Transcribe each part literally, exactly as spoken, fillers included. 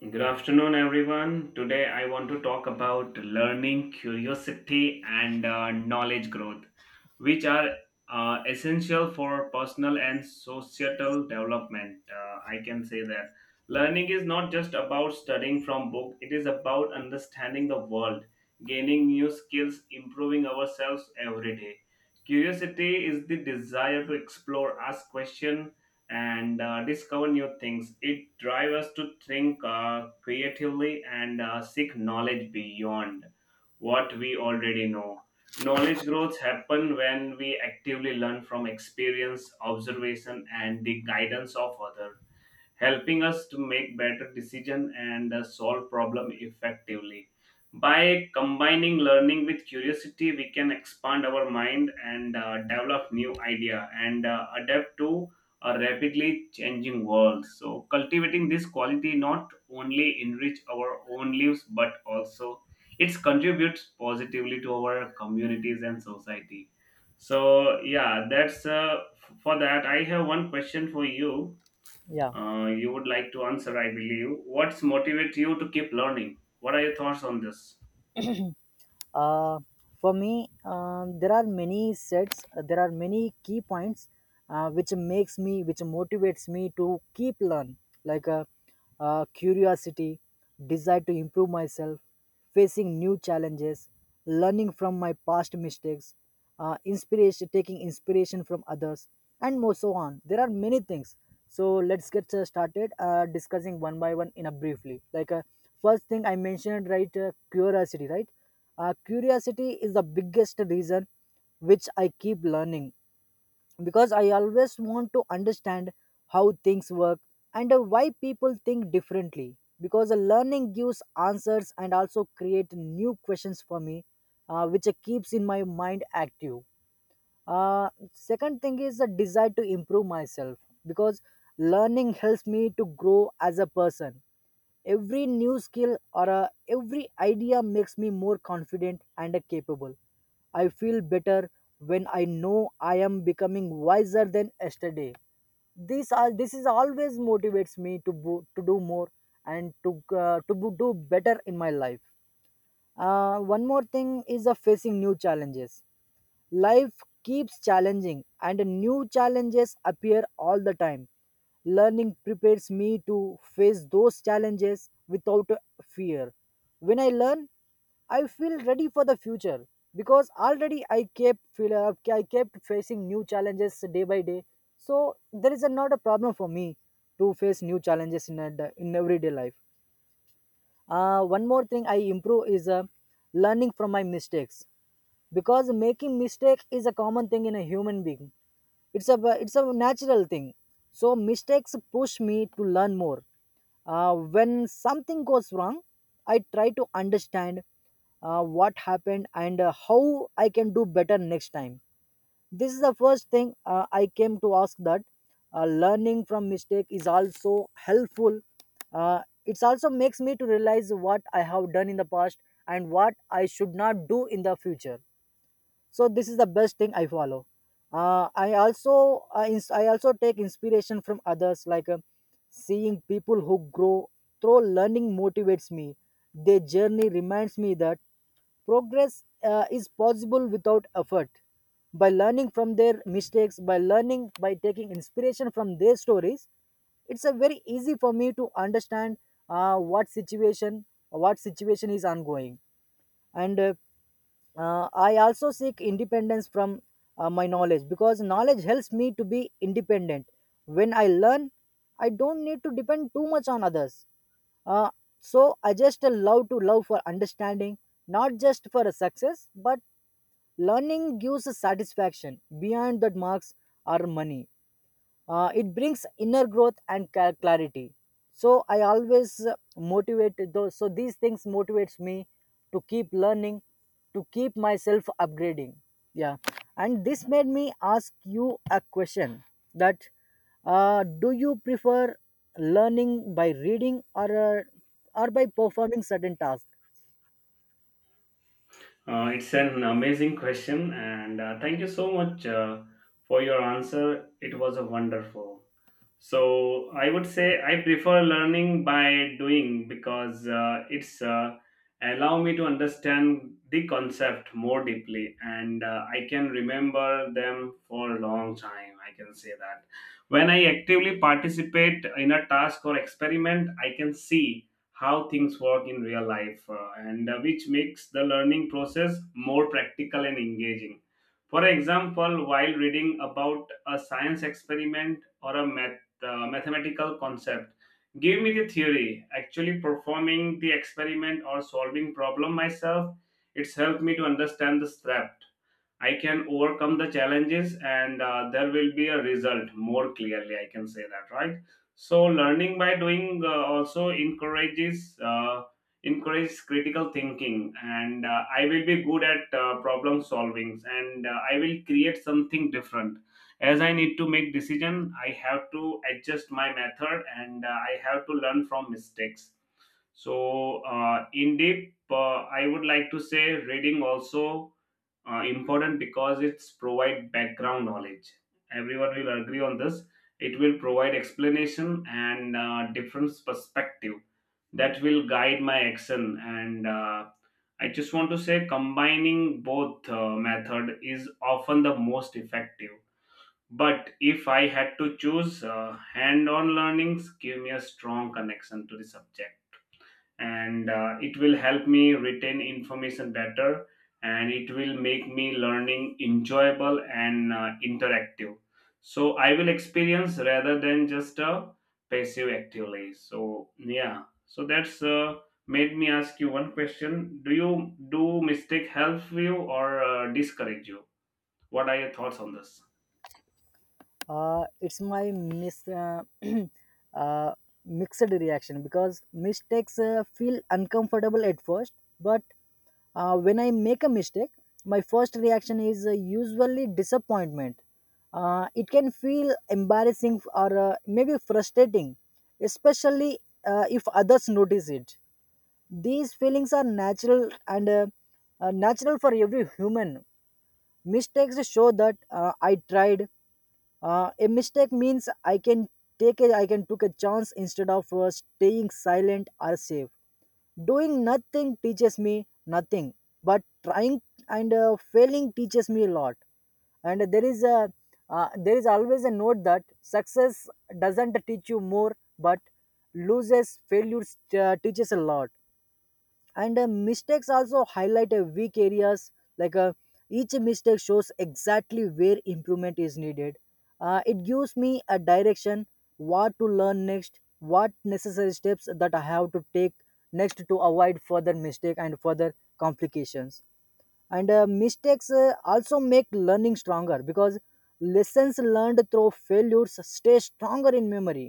Good afternoon, everyone. Today I want to talk about learning, curiosity, and uh, knowledge growth, which are uh, essential for personal and societal development. Uh, I can say that learning is not just about studying from book; it is about understanding the world, gaining new skills, improving ourselves every day. Curiosity is the desire to explore, ask questions and uh, discover new things. It drives us to think uh, creatively and uh, seek knowledge beyond what we already know. Knowledge growths happen when we actively learn from experience, observation, and the guidance of others helping us to make better decision and uh, solve problem effectively. By combining learning with curiosity, we can expand our mind and uh, develop new idea and uh, adapt to a rapidly changing world. So cultivating this quality not only enrich our own lives but also it contributes positively to our communities and society. So yeah, that's uh, f- for that. I have one question for you Yeah. uh, you would like to answer, I believe. What's motivate you to keep learning? What are your thoughts on this? Uh, for me, um, there are many sets. uh, There are many key points, uh, which makes me, which motivates me to keep learn. Like uh, uh, Curiosity, desire to improve myself, facing new challenges, learning from my past mistakes, uh, inspiration, taking inspiration from others, and more so on. There are many things. So let's get uh, started uh, discussing one by one in a briefly. Like uh, first thing I mentioned, right? Uh, curiosity, right? Uh, curiosity is the biggest reason which I keep learning, because I always want to understand how things work, and uh, why people think differently, because uh, learning gives answers and also create new questions for me, uh, which uh, keeps in my mind active. Uh, second thing is the desire to improve myself, because learning helps me to grow as a person. Every new skill or uh, every idea makes me more confident and uh, capable. I feel better when I know I am becoming wiser than yesterday. This all this is always motivates me to bo- to do more and to uh, to bo- do better in my life. Uh, one more thing is uh, facing new challenges. Life keeps challenging, and new challenges appear all the time. Learning prepares me to face those challenges without fear. When I learn, I feel ready for the future, because already I kept feel, uh, I kept facing new challenges day by day. So there is a, not a problem for me to face new challenges in a, in everyday life. Uh, one more thing I improve is uh, learning from my mistakes, because making mistake is a common thing in a human being. It's a it's a natural thing, so mistakes push me to learn more. Uh, when something goes wrong, I try to understand uh, what happened, and uh, how I can do better next time. This is the first thing uh, I came to ask, that uh, learning from mistake is also helpful. Uh, it also makes me to realize what I have done in the past and what I should not do in the future. So this is the best thing I follow. uh, i also I, ins- I also take inspiration from others, like uh, seeing people who grow through learning motivates me. Their journey reminds me that progress uh, is possible without effort. By learning from their mistakes, by learning, by taking inspiration from their stories, it's a very easy for me to understand uh, what situation what situation is ongoing. And uh, uh, I also seek independence from uh, my knowledge, because knowledge helps me to be independent. When I learn, I don't need to depend too much on others. Uh, so I just love to love for understanding, not just for a success, but learning gives a satisfaction beyond that marks or money. Uh, it brings inner growth and ca- clarity. So I always uh, motivate those so these things motivates me to keep learning, to keep myself upgrading. Yeah. And this made me ask you a question, that uh, do you prefer learning by reading, or uh, or by performing certain tasks? Uh, it's an amazing question, and uh, thank you so much uh, for your answer. It was a wonderful. So I would say I prefer learning by doing because uh, it's uh, allow me to understand the concept more deeply, and uh, I can remember them for a long time. I can say that when I actively participate in a task or experiment, I can see how things work in real life uh, and uh, which makes the learning process more practical and engaging for example while reading about a science experiment or a math, uh, mathematical concept give me the theory actually performing the experiment or solving problem myself it's helped me to understand the step. I can overcome the challenges and uh, there will be a result more clearly. I can say that, right? So learning by doing uh, also encourages uh, encourages critical thinking, and uh, I will be good at uh, problem solvings, and uh, I will create something different. As I need to make decision, I have to adjust my method, and uh, I have to learn from mistakes. So, uh, in deep, uh, I would like to say reading also uh, important because it's provide background knowledge. Everyone will agree on this. It will provide explanation and uh, different perspective that will guide my action, and uh, I just want to say combining both uh, method is often the most effective, but if I had to choose uh, hand on learnings give me a strong connection to the subject, and uh, it will help me retain information better, and it will make me learning enjoyable and uh, interactive. So I will experience rather than just uh, passive actively. So yeah, so that's uh, made me ask you one question. Do you do mistake help you or uh, discourage you? What are your thoughts on this? uh, it's my mis- uh, uh, Mixed reaction, because mistakes uh, feel uncomfortable at first, but uh, when I make a mistake, my first reaction is uh, usually disappointment. Uh, it can feel embarrassing or uh, maybe frustrating, especially uh, if others notice it. These feelings are natural, and uh, uh, natural for every human. Mistakes show that uh, I tried. Uh, a mistake means I can take a I can took a chance instead of uh, staying silent or safe. Doing nothing teaches me nothing, but trying and uh, failing teaches me a lot. And there is a uh, There is always a note that success doesn't teach you more, but loses failure uh, teaches a lot. And uh, mistakes also highlight uh, weak areas, like uh, each mistake shows exactly where improvement is needed. Uh, it gives me a direction what to learn next, what necessary steps that I have to take next to avoid further mistake and further complications. And uh, mistakes uh, also make learning stronger, because lessons learned through failures stay stronger in memory.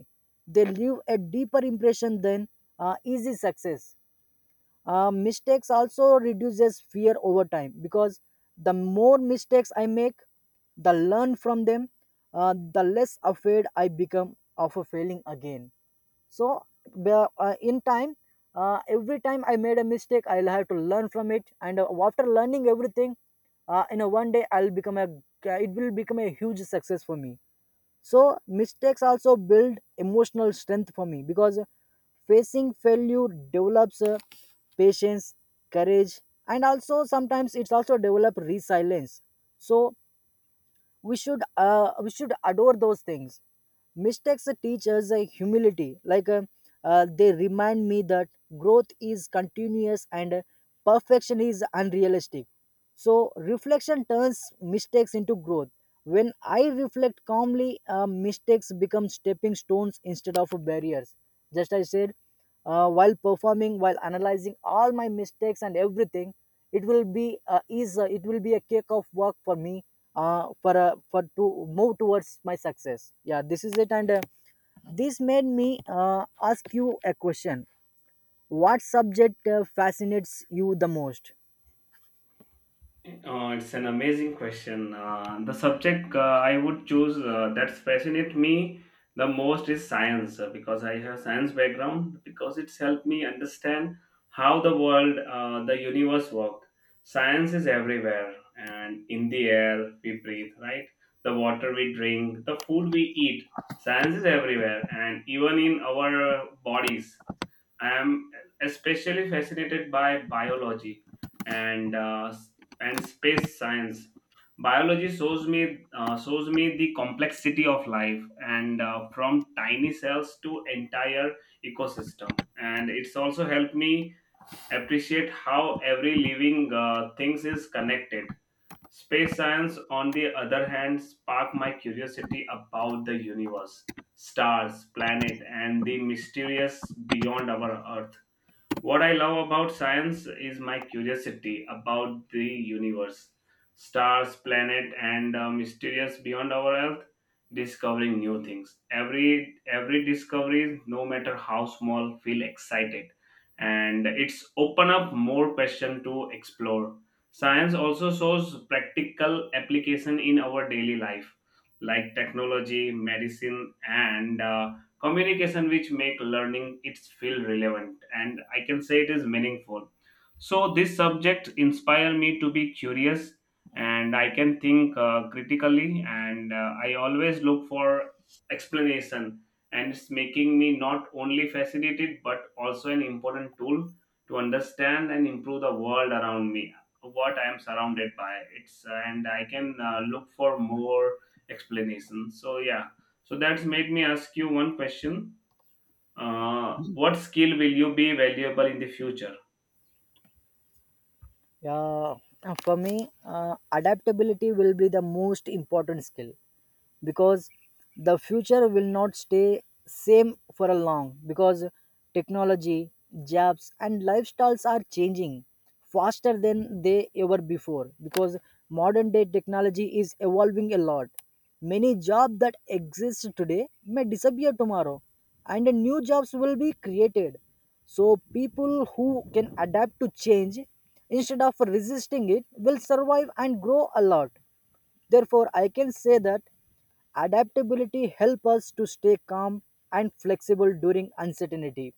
They leave a deeper impression than uh, easy success. Uh, mistakes also reduces fear over time, because the more mistakes I make, the learn from them, uh, the less afraid I become of a failing again. So the- uh, in time, uh, every time I made a mistake, I'll have to learn from it, and uh, after learning everything, uh, in a one day I'll become a. It will become a huge success for me. So mistakes also build emotional strength for me, because facing failure develops uh, patience, courage, and also sometimes it's also develop resilience. So we should uh, we should adore those things. Mistakes teach us uh, humility, like uh, uh, they remind me that growth is continuous, and uh, perfection is unrealistic. So reflection turns mistakes into growth. When I reflect calmly, uh, mistakes become stepping stones instead of barriers. Just I said, uh, while performing, while analyzing all my mistakes and everything, it will be uh, is uh, it will be a cake of work for me, uh, for uh, for to move towards my success. Yeah, this is it, and uh, this made me uh, ask you a question. What subject uh, fascinates you the most? Uh, it's an amazing question. Uh, the subject uh, I would choose uh, that's fascinate me the most is science uh, because I have science background because it's helped me understand how the world, uh, the universe work. Science is everywhere and in the air we breathe, right? The water we drink, the food we eat. Science is everywhere and even in our uh, bodies. I am especially fascinated by biology and uh, and space science. Biology shows me uh, shows me the complexity of life and uh, from tiny cells to entire ecosystem. And it's also helped me appreciate how every living uh, things is connected. Space science, on the other hand, sparked my curiosity about the universe, stars, planet, and the mysterious beyond our Earth. What I love about science is my curiosity about the universe, stars, planet, and uh, mysterious beyond our Earth. Discovering new things. Every every discovery, no matter how small, feel excited, and it's open up more question to explore. Science also shows practical application in our daily life, like technology, medicine, and uh, communication, which make learning it feel relevant, and I can say it is meaningful. So this subject inspire me to be curious, and I can think uh, critically, and uh, I always look for explanation, and it's making me not only fascinated but also an important tool to understand and improve the world around me, what I am surrounded by. It's uh, and I can uh, look for more explanation. So yeah, so that's made me ask you one question. Uh, what skill will you be valuable in the future? Yeah, for me, uh, adaptability will be the most important skill, because the future will not stay same for a long, because technology, jobs and lifestyles are changing faster than they ever before, because modern day technology is evolving a lot. Many jobs that exist today may disappear tomorrow, and new jobs will be created. So people who can adapt to change instead of resisting it will survive and grow a lot. Therefore I can say that adaptability helps us to stay calm and flexible during uncertainty.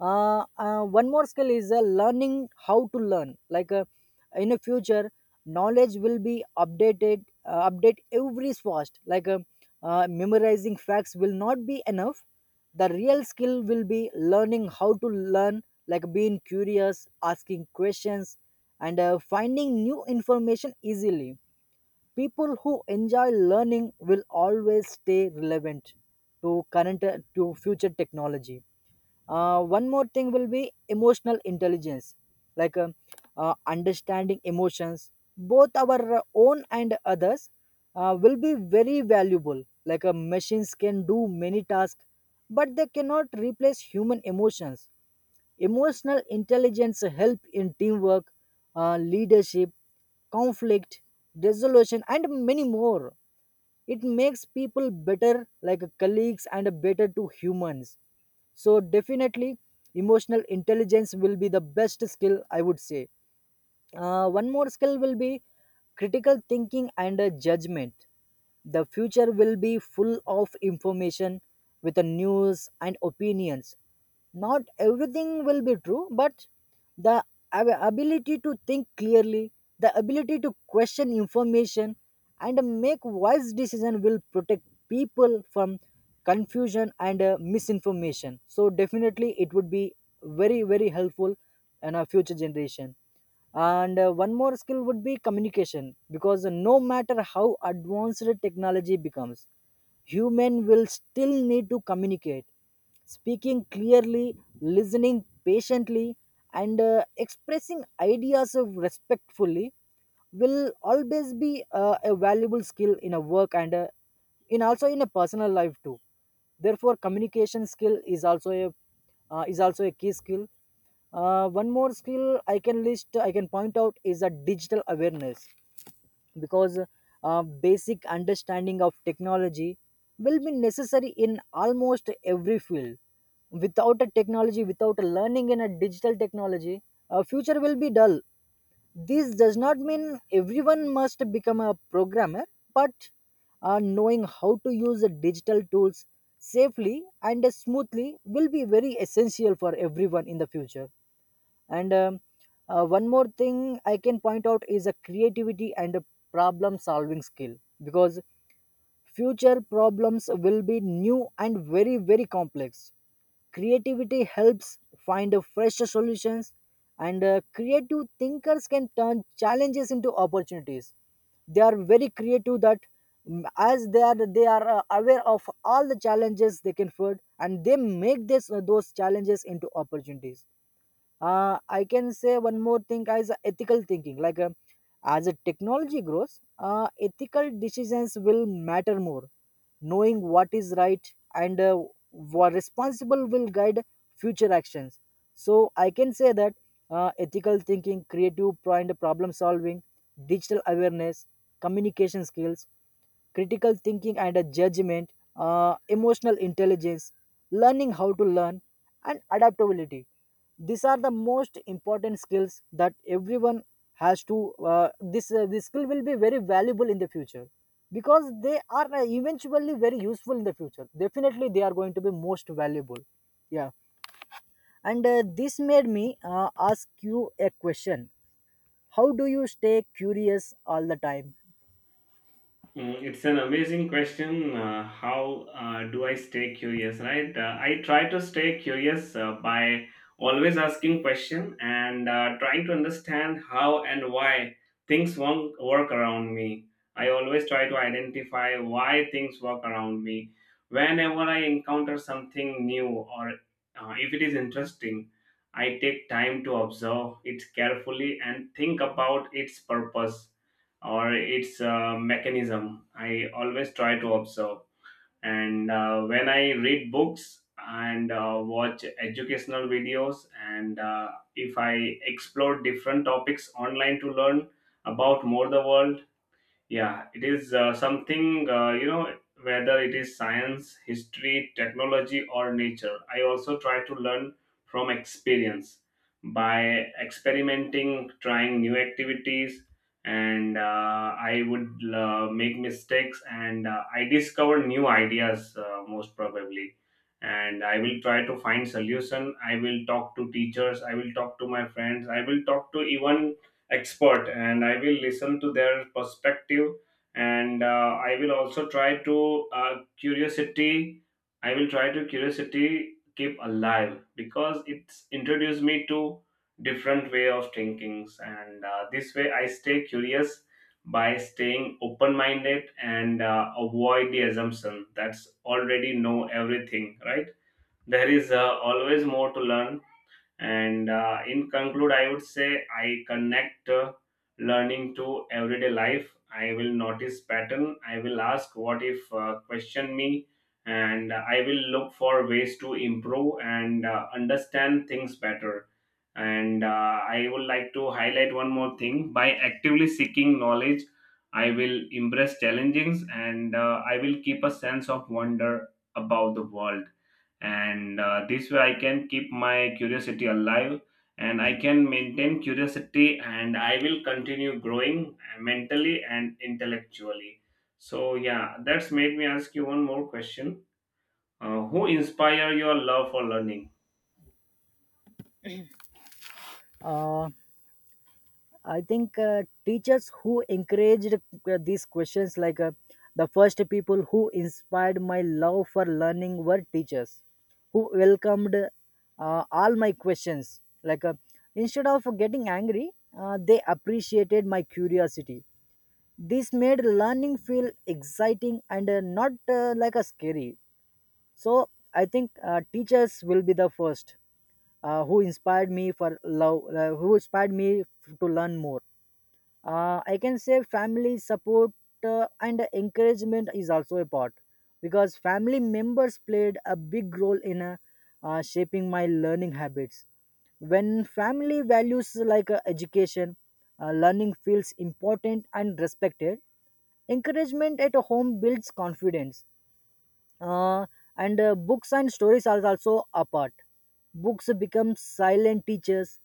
uh, uh, One more skill is uh, learning how to learn. Like uh, in the future, knowledge will be updated uh, update every fast. Like uh, uh, memorizing facts will not be enough. The real skill will be learning how to learn, like being curious, asking questions, and uh, finding new information easily. People who enjoy learning will always stay relevant to current, to future technology. Uh, one more thing will be emotional intelligence, like um, uh, understanding emotions, both our own and others. Uh, will be very valuable. Like uh, machines can do many tasks, but they cannot replace human emotions. Emotional intelligence help in teamwork, uh, leadership, conflict, resolution, and many more. It makes people better, like colleagues, and better to humans. So definitely, emotional intelligence will be the best skill I would say. Uh, one more skill will be critical thinking and uh, judgment. The future will be full of information with the news and opinions. Not everything will be true, but the ab- ability to think clearly, the ability to question information and make wise decision will protect people from confusion and uh, misinformation. So definitely it would be very very helpful in our future generation. And uh, one more skill would be communication, because no matter how advanced technology becomes, human will still need to communicate, speaking clearly, listening patiently, and uh, expressing ideas of respectfully will always be uh, a valuable skill in a work, and uh, in also in a personal life too. Therefore communication skill is also a, uh, is also a key skill. Uh, one more skill i can list I can point out is a digital awareness, because uh, basic understanding of technology will be necessary in almost every field. Without a technology, without a learning in a digital technology, a future will be dull. This does not mean everyone must become a programmer, but uh, knowing how to use the digital tools safely and smoothly will be very essential for everyone in the future. And um, uh, one more thing I can point out is a creativity and a problem solving skill, because future problems will be new and very very complex. Creativity helps find a fresher solutions, and uh, creative thinkers can turn challenges into opportunities. They are very creative that mm, as they are they are uh, aware of all the challenges. They can find and they make this uh, those challenges into opportunities. Uh, I can say one more thing as ethical thinking. Like uh, as a technology grows, uh, ethical decisions will matter more. Knowing what is right and uh, what responsible will guide future actions. So I can say that uh, ethical thinking, creative pro- and problem solving, digital awareness, communication skills, critical thinking and uh, judgment, uh, emotional intelligence, learning how to learn, and adaptability, these are the most important skills that everyone has to uh, this uh, this skill will be very valuable in the future, because they are uh, eventually very useful in The future, definitely they are going to be most valuable. Yeah, and uh, this made me uh, ask you a question. How do you stay curious all the time? Mm, it's an amazing question. Uh, how uh, do I stay curious, right? Uh, I try to stay curious uh, by always asking question and uh, trying to understand how and why things won't work around me. I always try to identify why things work around me. Whenever I encounter something new or uh, if it is interesting, I take time to observe it carefully and think about its purpose or its uh, mechanism. I always try to observe, and uh, when I read books and uh, watch educational videos and uh, if I explore different topics online to learn about more the world, yeah, it is uh, something, uh, you know, whether it is science, history, technology, or nature. I also try to learn from experience by experimenting, trying new activities, and uh, I would uh, make mistakes and uh, I discover new ideas uh, most probably. And I will try to find solution. I will talk to teachers. I will talk to my friends. I will talk to even expert, and I will listen to their perspective, and uh, I will also try to uh, curiosity i will try to curiosity keep alive because it's introduced me to different way of thinkings. And uh, this way I stay curious by staying open minded and uh, avoid the assumption that's already know everything, right? There is uh, always more to learn. And uh, in conclude, I would say I connect uh, learning to everyday life. I will notice pattern. I will ask what if uh, question me, and I will look for ways to improve and uh, understand things better. And uh, I would like to highlight one more thing. By actively seeking knowledge, I will embrace challenges and uh, I will keep a sense of wonder about the world. And uh, this way I can keep my curiosity alive, and I can maintain curiosity, and I will continue growing mentally and intellectually. So yeah, that's made me ask you one more question. Uh, who inspire your love for learning? uh, I think uh, teachers who encouraged uh, these questions, like uh, the first people who inspired my love for learning were teachers who welcomed uh, all my questions. Like uh, instead of getting angry, uh, they appreciated my curiosity. This made learning feel exciting and uh, not uh, like a scary. So I think uh, teachers will be the first uh, who inspired me for love, uh, who inspired me to learn more. uh, I can say family support uh, and encouragement is also a part, because family members played a big role in uh, uh, shaping my learning habits. When family values like uh, education, uh, learning feels important and respected. Encouragement at home builds confidence. Uh, and uh, books and stories are also a part. Books become silent teachers.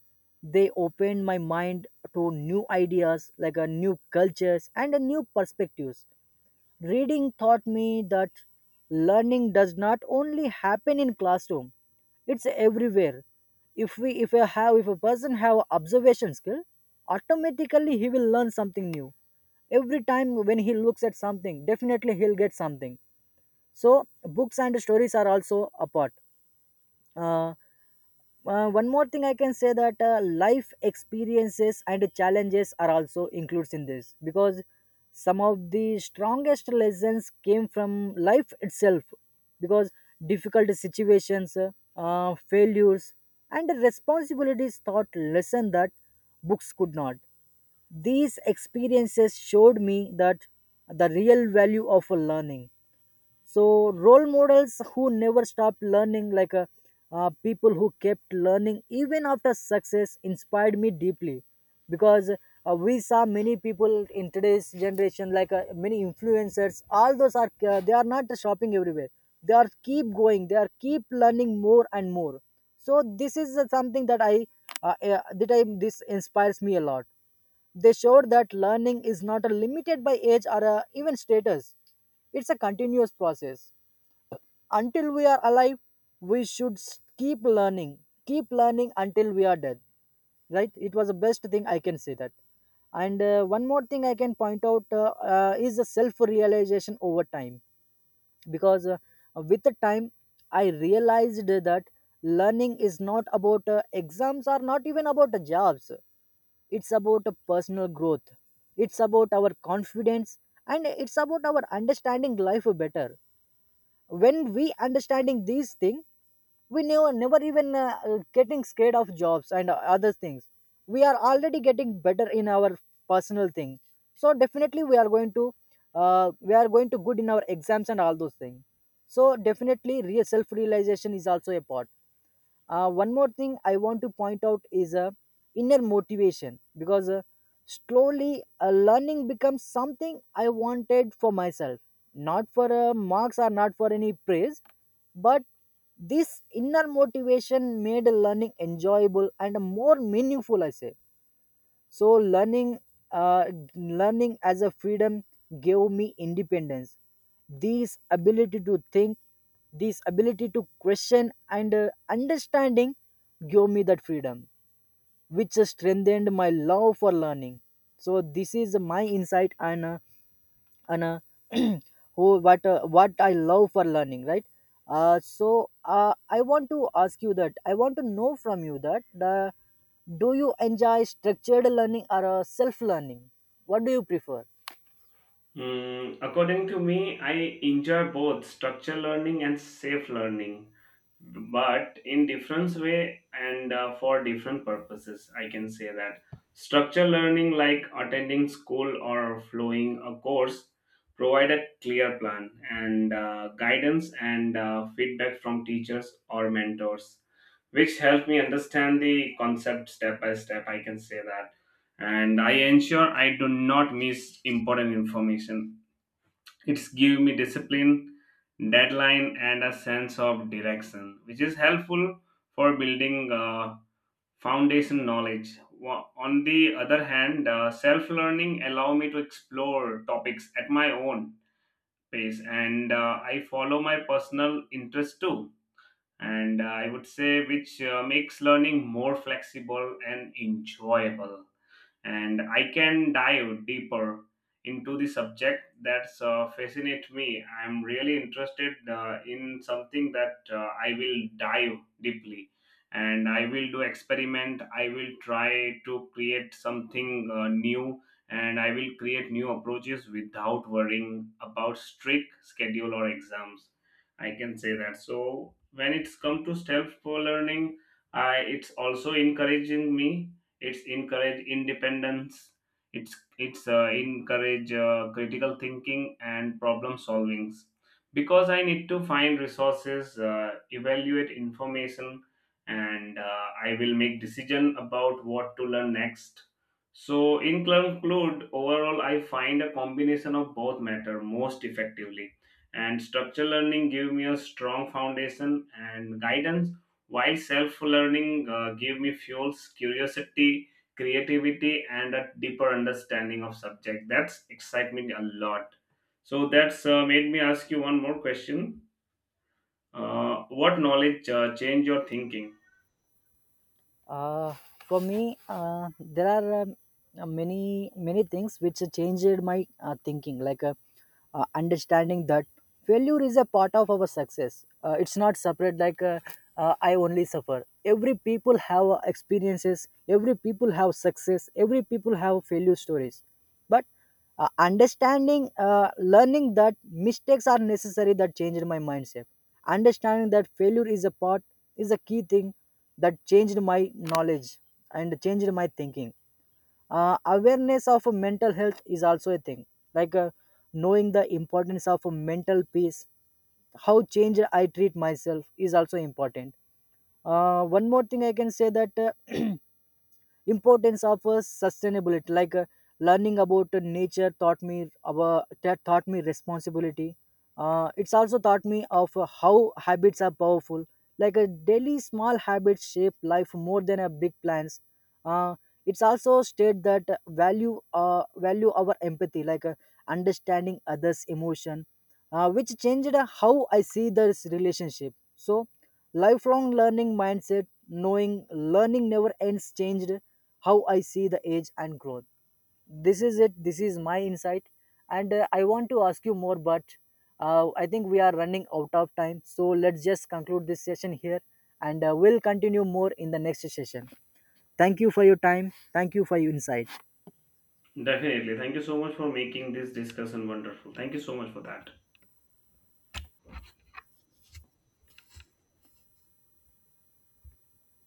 They open my mind to new ideas like a new cultures and a new perspectives. Reading taught me that learning does not only happen in classroom, it's everywhere. If we if a have if a person have observation skill, automatically he will learn something new. Every time when he looks at something, definitely he'll get something. So books and stories are also a part. uh, uh, One more thing I can say that uh, life experiences and challenges are also includes in this, because some of the strongest lessons came from life itself. Because difficult situations, uh, failures and responsibilities taught lesson that books could not. These experiences showed me that the real value of learning. So role models who never stopped learning, like uh, uh, people who kept learning even after success inspired me deeply. Because uh, we saw many people in today's generation, like uh, many influencers, all those are uh, they are not shopping everywhere. They are keep going, they are keep learning more and more. So this is uh, something that i uh, uh, that i this inspires me a lot. They showed that learning is not a limited by age or uh, even status. It's a continuous process. Until we are alive, we should s- keep learning. Keep learning until we are dead. Right? It was the best thing I can say that. And uh, one more thing I can point out uh, uh, is the self realization over time. Because uh, with the time, I realized that learning is not about uh, exams or not even about uh, jobs. It's about a personal growth. It's about our confidence and it's about our understanding life better. When we understanding these things, we never, never even uh, uh, getting scared of jobs and uh, other things. We are already getting better in our personal thing. So definitely we are going to uh, we are going to good in our exams and all those things. So definitely real self realization is also a part. Uh, one more thing I want to point out is uh, inner motivation, because uh, slowly uh, learning becomes something I wanted for myself, not for uh, marks or not for any praise, but this inner motivation made learning enjoyable and more meaningful, I say. So learning, uh, learning as a freedom gave me independence. This ability to think, this ability to question and uh, understanding gave me that freedom, which strengthened my love for learning. So this is my insight and uh, and uh, who what uh, what I love for learning, right? Uh, so uh, I want to ask you that I want to know from you that the do you enjoy structured learning or uh, self learning? What do you prefer? Hmm, according to me, I enjoy both structured learning and safe learning but in different way, and uh, for different purposes, I can say that structured learning like attending school or following a course provide a clear plan and uh, guidance and uh, feedback from teachers or mentors which help me understand the concept step by step. I can say that, and I ensure I do not miss important information. It's give me discipline, deadline, and a sense of direction, which is helpful for building uh, foundation knowledge. Wa- On the other hand, uh, self-learning allow me to explore topics at my own pace, and uh, I follow my personal interest too. And uh, I would say which uh, makes learning more flexible and enjoyable, and I can dive deeper into the subject that's uh, fascinate me. I'm really interested uh, in something that uh, I will dive deeply, and I will do experiment. I will try to create something uh, new, and I will create new approaches without worrying about strict schedule or exams. I can say that. So when it's come to self learning, I it's also encouraging me, it's encourage independence, it's it's uh, encourage uh, critical thinking and problem solvings because I need to find resources, uh, evaluate information, and uh, I will make decision about what to learn next. So in conclude, overall I find a combination of both matter most effectively, and structured learning give me a strong foundation and guidance, while self learning uh, gave me fuels, curiosity, creativity, and a deeper understanding of subject, that's excite me a lot. So that's uh, made me ask you one more question. Uh, what knowledge uh, changed your thinking? Uh, for me, uh, there are um, uh, many many things which changed my uh, thinking, like uh, uh, understanding that failure is a part of our success. Uh, it's not separate. Like uh, uh, I only suffer. Every people have uh, experiences. Every people have success. Every people have failure stories. But uh, understanding, uh, learning that mistakes are necessary, that changed my mindset. Understanding that failure is a part is a key thing that changed my knowledge and changed my thinking. Uh, awareness of mental health is also a thing, like uh, knowing the importance of mental peace, how change I treat myself is also important. Uh, one more thing I can say that. Uh, Importance of uh, sustainability, like uh, learning about uh, nature taught me about that, taught me responsibility. Uh, it's also taught me of uh, how habits are powerful, like a daily small habits shape life more than a big plans. uh, it's also state that uh, value uh, value our empathy, like uh, understanding others emotion uh, which changed uh, how I see this relationship. So lifelong learning mindset, knowing learning never ends, changed how I see the age and growth. This is it. This is my insight. And uh, I want to ask you more, but uh, I think we are running out of time. So let's just conclude this session here and uh, we'll continue more in the next session. Thank you for your time. Thank you for your insight. Definitely. Thank you so much for making this discussion wonderful. Thank you so much for that.